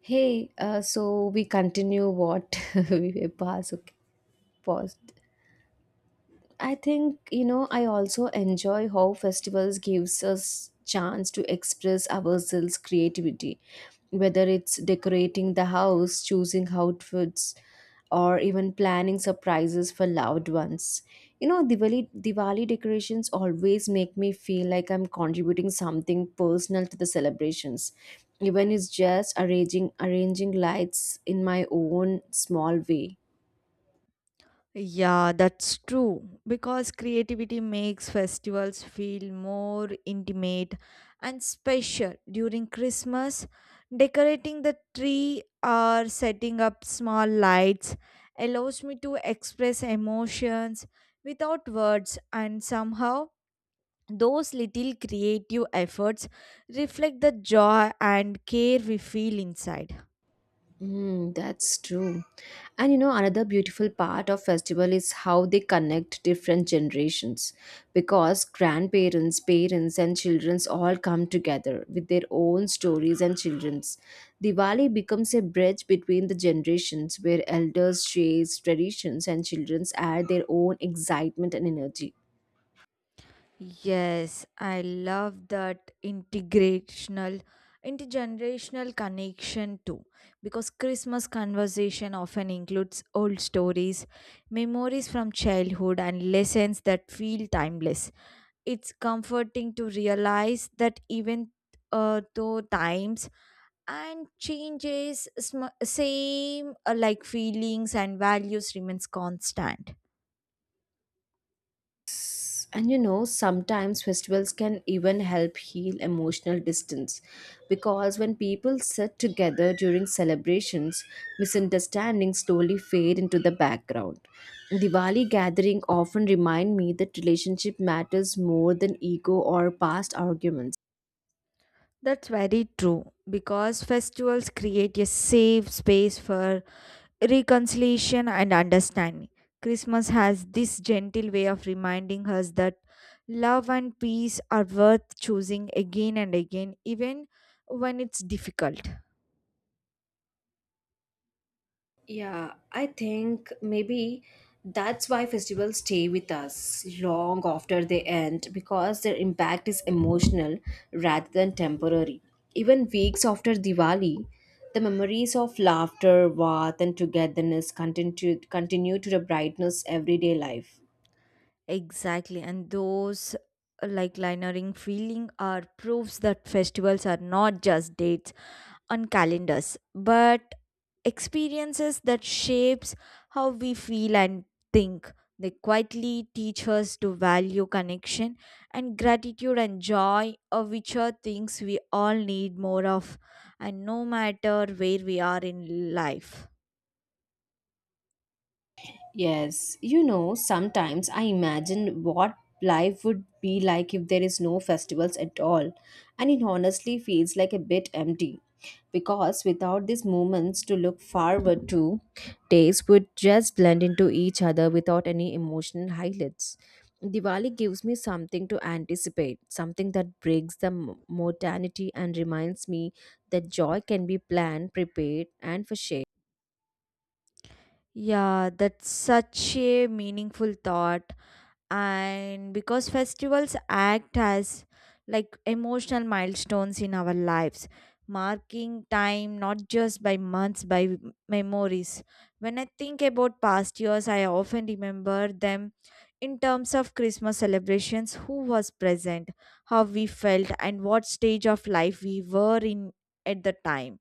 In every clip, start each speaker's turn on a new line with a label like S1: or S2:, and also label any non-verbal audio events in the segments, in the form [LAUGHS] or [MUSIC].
S1: Hey, so we continue what [LAUGHS] we pass. Okay, paused. I think you know I also enjoy how festivals gives us chance to express ourselves creativity, whether it's decorating the house, choosing outfits, or even planning surprises for loved ones. You know, Diwali decorations always make me feel like I'm contributing something personal to the celebrations, even it's just arranging lights in my own small way.
S2: Yeah, that's true, because creativity makes festivals feel more intimate and special. During Christmas, decorating the tree or setting up small lights allows me to express emotions without words, and somehow, those little creative efforts reflect the joy and care we feel inside.
S1: Mm, that's true. And you know, another beautiful part of festival is how they connect different generations, because grandparents, parents and childrens all come together with their own stories and children's. Diwali becomes a bridge between the generations where elders share traditions and childrens add their own excitement and energy.
S2: Yes, I love that integrational intergenerational connection too, because Christmas conversation often includes old stories, memories from childhood and lessons that feel timeless. It's comforting to realize that even though times and changes same like feelings and values remains constant.
S1: And you know, sometimes festivals can even help heal emotional distance, because when people sit together during celebrations, misunderstandings slowly fade into the background. Diwali gathering often remind me that relationship matters more than ego or past arguments.
S2: That's very true, because festivals create a safe space for reconciliation and understanding. Christmas has this gentle way of reminding us that love and peace are worth choosing again and again, even when it's difficult.
S1: Yeah, I think maybe that's why festivals stay with us long after they end, because their impact is emotional rather than temporary. Even weeks after Diwali, the memories of laughter, warmth, and togetherness continue to the brightness everyday life.
S2: Exactly, and those like linering feeling are proofs that festivals are not just dates on calendars, but experiences that shapes how we feel and think. They quietly teach us to value connection and gratitude and joy, of which are things we all need more of, and no matter where we are in life.
S1: Yes, you know, sometimes I imagine what life would be like if there is no festivals at all, and it honestly feels like a bit empty, because without these moments to look forward to, days would just blend into each other without any emotional highlights. Diwali gives me something to anticipate, something that breaks the monotony and reminds me that joy can be planned, prepared, and foreshadowed.
S2: Yeah, that's such a meaningful thought. And because festivals act as like emotional milestones in our lives, marking time not just by months by memories. When I think about past years, I often remember them in terms of Christmas celebrations, who was present, how we felt and what stage of life we were in at the time.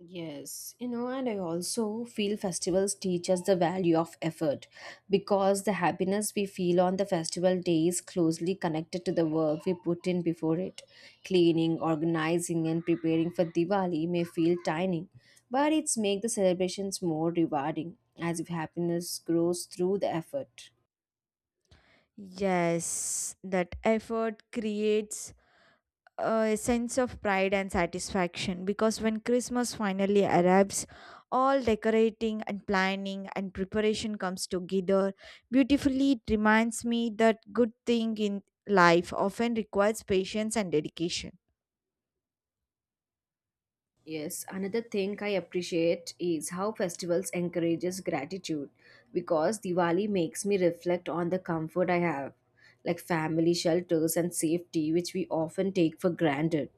S1: Yes, you know, and I also feel festivals teach us the value of effort, because the happiness we feel on the festival day is closely connected to the work we put in before it. Cleaning, organizing, and preparing for Diwali may feel tiny, but it's make the celebrations more rewarding, as if happiness grows through the effort.
S2: Yes, that effort creates a sense of pride and satisfaction, because when Christmas finally arrives, all decorating and planning and preparation comes together beautifully. It reminds me that good thing in life often requires patience and dedication.
S1: Yes, another thing I appreciate is how festivals encourages gratitude, because Diwali makes me reflect on the comfort I have, like family shelters and safety, which we often take for granted.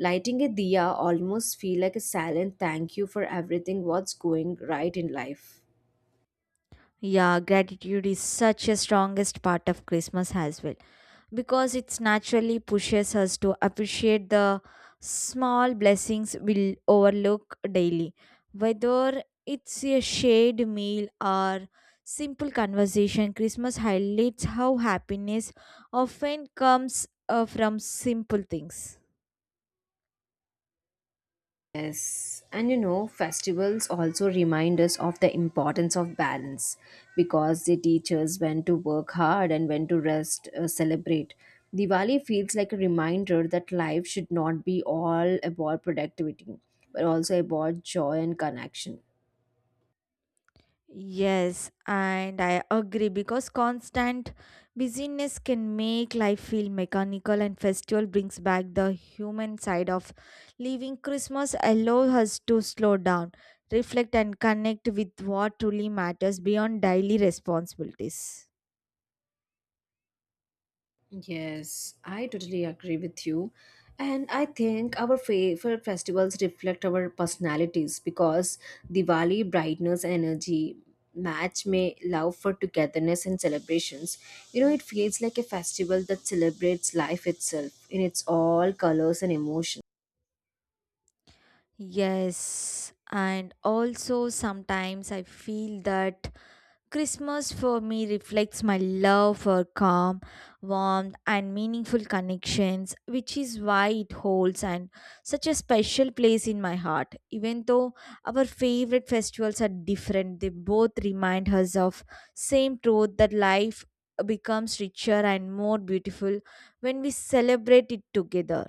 S1: Lighting a diya almost feel like a silent thank you for everything what's going right in life.
S2: Yeah, gratitude is such a strongest part of Christmas as well, because it naturally pushes us to appreciate the small blessings we overlook daily. Whether it's a shared meal or simple conversation, Christmas highlights how happiness often comes from simple things.
S1: Yes, and you know, festivals also remind us of the importance of balance, because they teach us when to work hard and when to rest, celebrate. Diwali feels like a reminder that life should not be all about productivity, but also about joy and connection.
S2: Yes, and I agree, because constant busyness can make life feel mechanical, and festival brings back the human side of living. Christmas allows us to slow down, reflect, and connect with what truly matters beyond daily responsibilities.
S1: Yes, I totally agree with you. And I think our favorite festivals reflect our personalities, because Diwali, brightness, and energy match may love for togetherness and celebrations. You know, it feels like a festival that celebrates life itself in its all colors and emotions.
S2: Yes, and also sometimes I feel that Christmas for me reflects my love for calm, warmth, and meaningful connections, which is why it holds and such a special place in my heart. Even though our favorite festivals are different, they both remind us of same truth, that life becomes richer and more beautiful when we celebrate it together.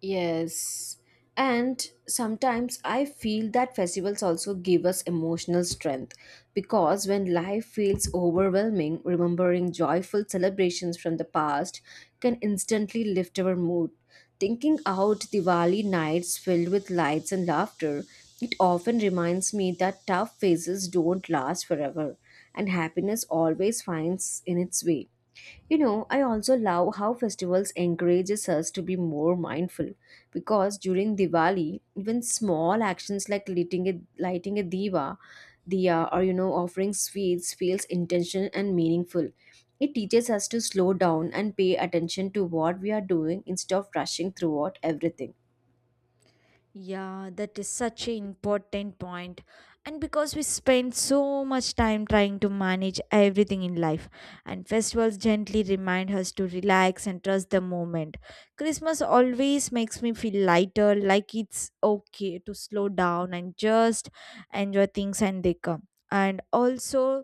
S1: Yes. And sometimes I feel that festivals also give us emotional strength, because when life feels overwhelming, remembering joyful celebrations from the past can instantly lift our mood. Thinking out Diwali nights filled with lights and laughter, it often reminds me that tough phases don't last forever and happiness always finds in its way. You know, I also love how festivals encourages us to be more mindful, because during Diwali, even small actions like lighting a diya, or you know, offering sweets feels intentional and meaningful. It teaches us to slow down and pay attention to what we are doing instead of rushing throughout everything.
S2: Yeah, that is such an important point. And because we spend so much time trying to manage everything in life, and festivals gently remind us to relax and trust the moment. Christmas always makes me feel lighter, like it's okay to slow down and just enjoy things and they come. And also,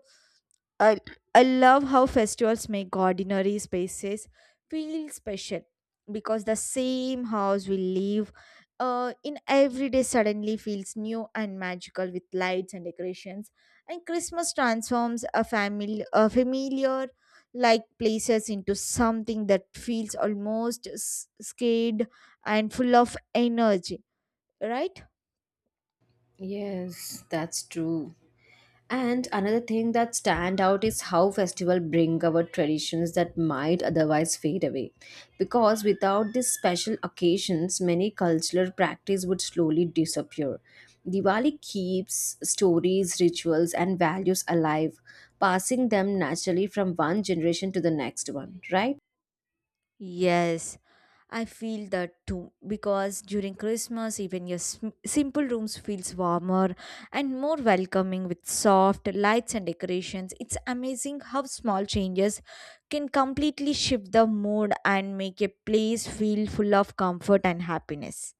S2: I, I love how festivals make ordinary spaces feel special, because the same house we live in every day suddenly feels new and magical with lights and decorations. And Christmas transforms a familiar like places into something that feels almost scared and full of energy, right?
S1: Yes, that's true. And another thing that stand out is how festival bring our traditions that might otherwise fade away, because without these special occasions, many cultural practice would slowly disappear. Diwali keeps stories, rituals, and values alive, passing them naturally from one generation to the next one, right?
S2: Yes, I feel that too, because during Christmas, even your simple rooms feels warmer and more welcoming with soft lights and decorations. It's amazing how small changes can completely shift the mood and make a place feel full of comfort and happiness.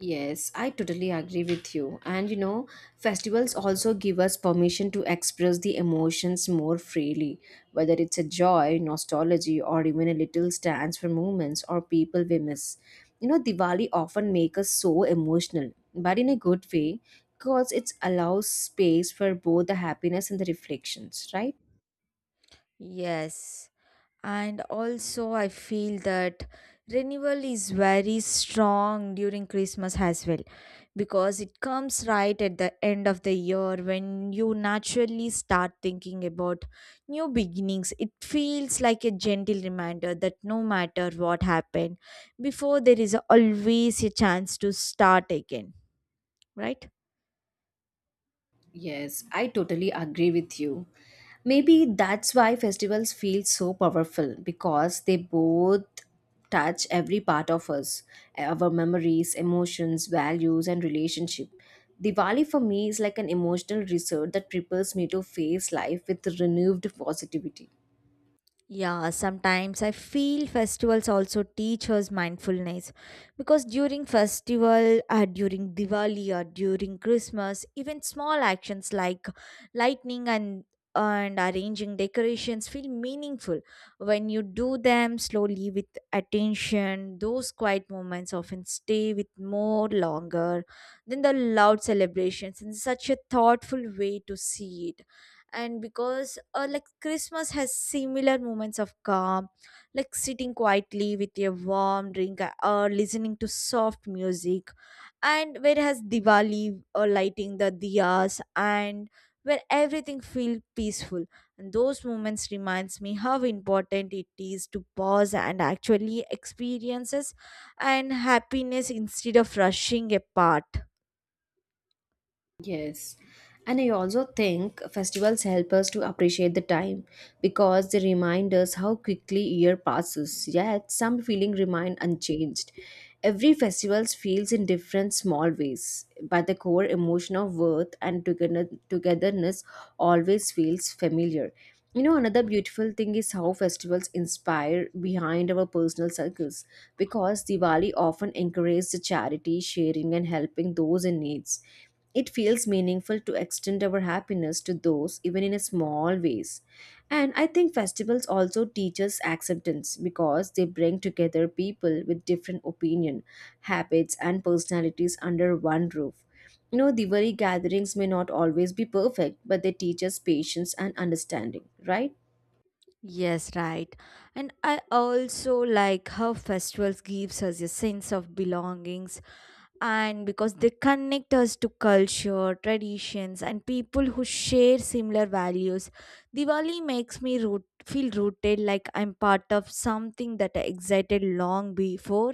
S1: Yes, I totally agree with you. And you know, festivals also give us permission to express the emotions more freely, whether it's a joy, nostalgia, or even a little stance for moments or people we miss. You know, Diwali often makes us so emotional, but in a good way, because it allows space for both the happiness and the reflections, right?
S2: Yes. And also I feel that renewal is very strong during Christmas as well, because it comes right at the end of the year when you naturally start thinking about new beginnings. It feels like a gentle reminder that no matter what happened before, there is always a chance to start again, right?
S1: Yes, I totally agree with you. Maybe that's why festivals feel so powerful, because they both touch every part of us, our memories, emotions, values, and relationship. Diwali for me is like an emotional reset that prepares me to face life with renewed positivity.
S2: Yeah, sometimes I feel festivals also teach us mindfulness, because during festival, during Diwali or during Christmas, even small actions like lighting and arranging decorations feel meaningful when you do them slowly with attention. Those quiet moments often stay with more longer than the loud celebrations in such a thoughtful way to see it. And because like Christmas has similar moments of calm, like sitting quietly with a warm drink, or listening to soft music, and whereas Diwali or lighting the diyas and where everything feels peaceful, and those moments reminds me how important it is to pause and actually experiences and happiness instead of rushing apart.
S1: Yes. And I also think festivals help us to appreciate the time, because they remind us how quickly year passes, yet some feeling remain unchanged. Every festival feels in different small ways, but the core emotion of worth and togetherness always feels familiar. You know, another beautiful thing is how festivals inspire behind our personal circles, because Diwali often encourages the charity, sharing, and helping those in needs. It feels meaningful to extend our happiness to those, even in a small ways. And I think festivals also teach us acceptance, because they bring together people with different opinion, habits, and personalities under one roof. You know, Diwali gatherings may not always be perfect, but they teach us patience and understanding, right?
S2: Yes, right. And I also like how festivals gives us a sense of belonging, and because they connect us to culture, traditions, and people who share similar values. Diwali makes me root, feel rooted like I'm part of something that I excited long before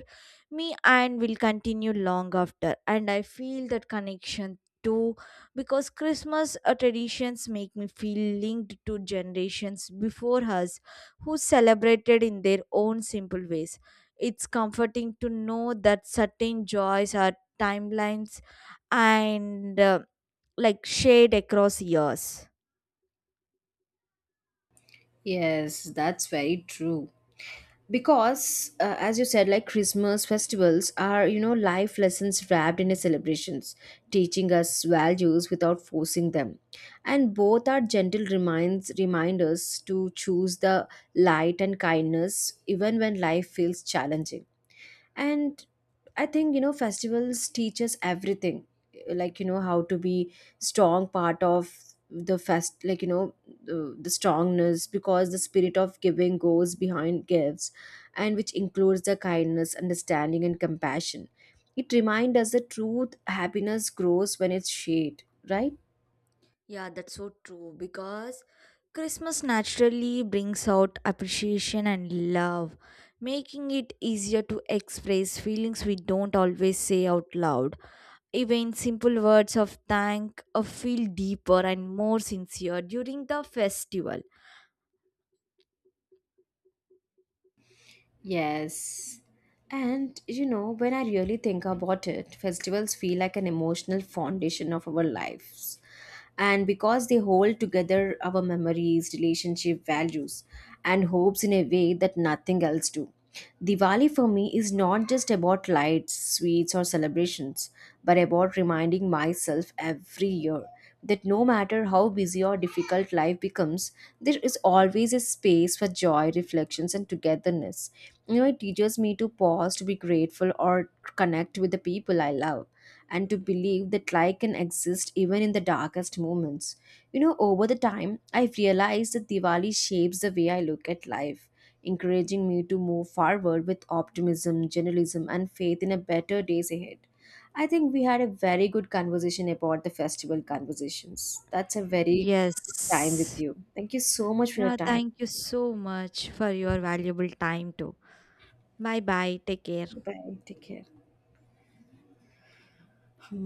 S2: me and will continue long after. And I feel that connection too, because Christmas traditions make me feel linked to generations before us who celebrated in their own simple ways. It's comforting to know that certain joys are timelines, and like shade across years.
S1: Yes, that's very true. Because as you said, like, Christmas festivals are, you know, life lessons wrapped in a celebrations, teaching us values without forcing them, and both are gentle reminds reminders to choose the light and kindness even when life feels challenging. And I think, you know, festivals teach us everything, like, you know, how to be strong part of the fest, like, you know, the strongness, because the spirit of giving goes behind gifts, and which includes the kindness, understanding and compassion. It reminds us that truth happiness grows when it's shared, right?
S2: Yeah, that's so true, because Christmas naturally brings out appreciation and love, making it easier to express feelings we don't always say out loud. Even simple words of thank feel deeper and more sincere during the festival.
S1: Yes. And you know, when I really think about it, festivals feel like an emotional foundation of our lives. And because they hold together our memories, relationship, values, and hopes in a way that nothing else do. Diwali for me is not just about lights, sweets, or celebrations, but about reminding myself every year that no matter how busy or difficult life becomes, there is always a space for joy, reflections, and togetherness. You know, it teaches me to pause, to be grateful, or connect with the people I love, and to believe that light can exist even in the darkest moments. You know, over the time, I've realized that Diwali shapes the way I look at life, encouraging me to move forward with optimism, journalism, and faith in a better days ahead. I think we had a very good conversation about the festival conversations. That's a very good time with
S2: Yes.
S1: you. Thank you so much for your
S2: Yeah,
S1: time.
S2: thank you so much for your valuable time too. Bye bye. Take care.
S1: Bye. Take care. Hmm.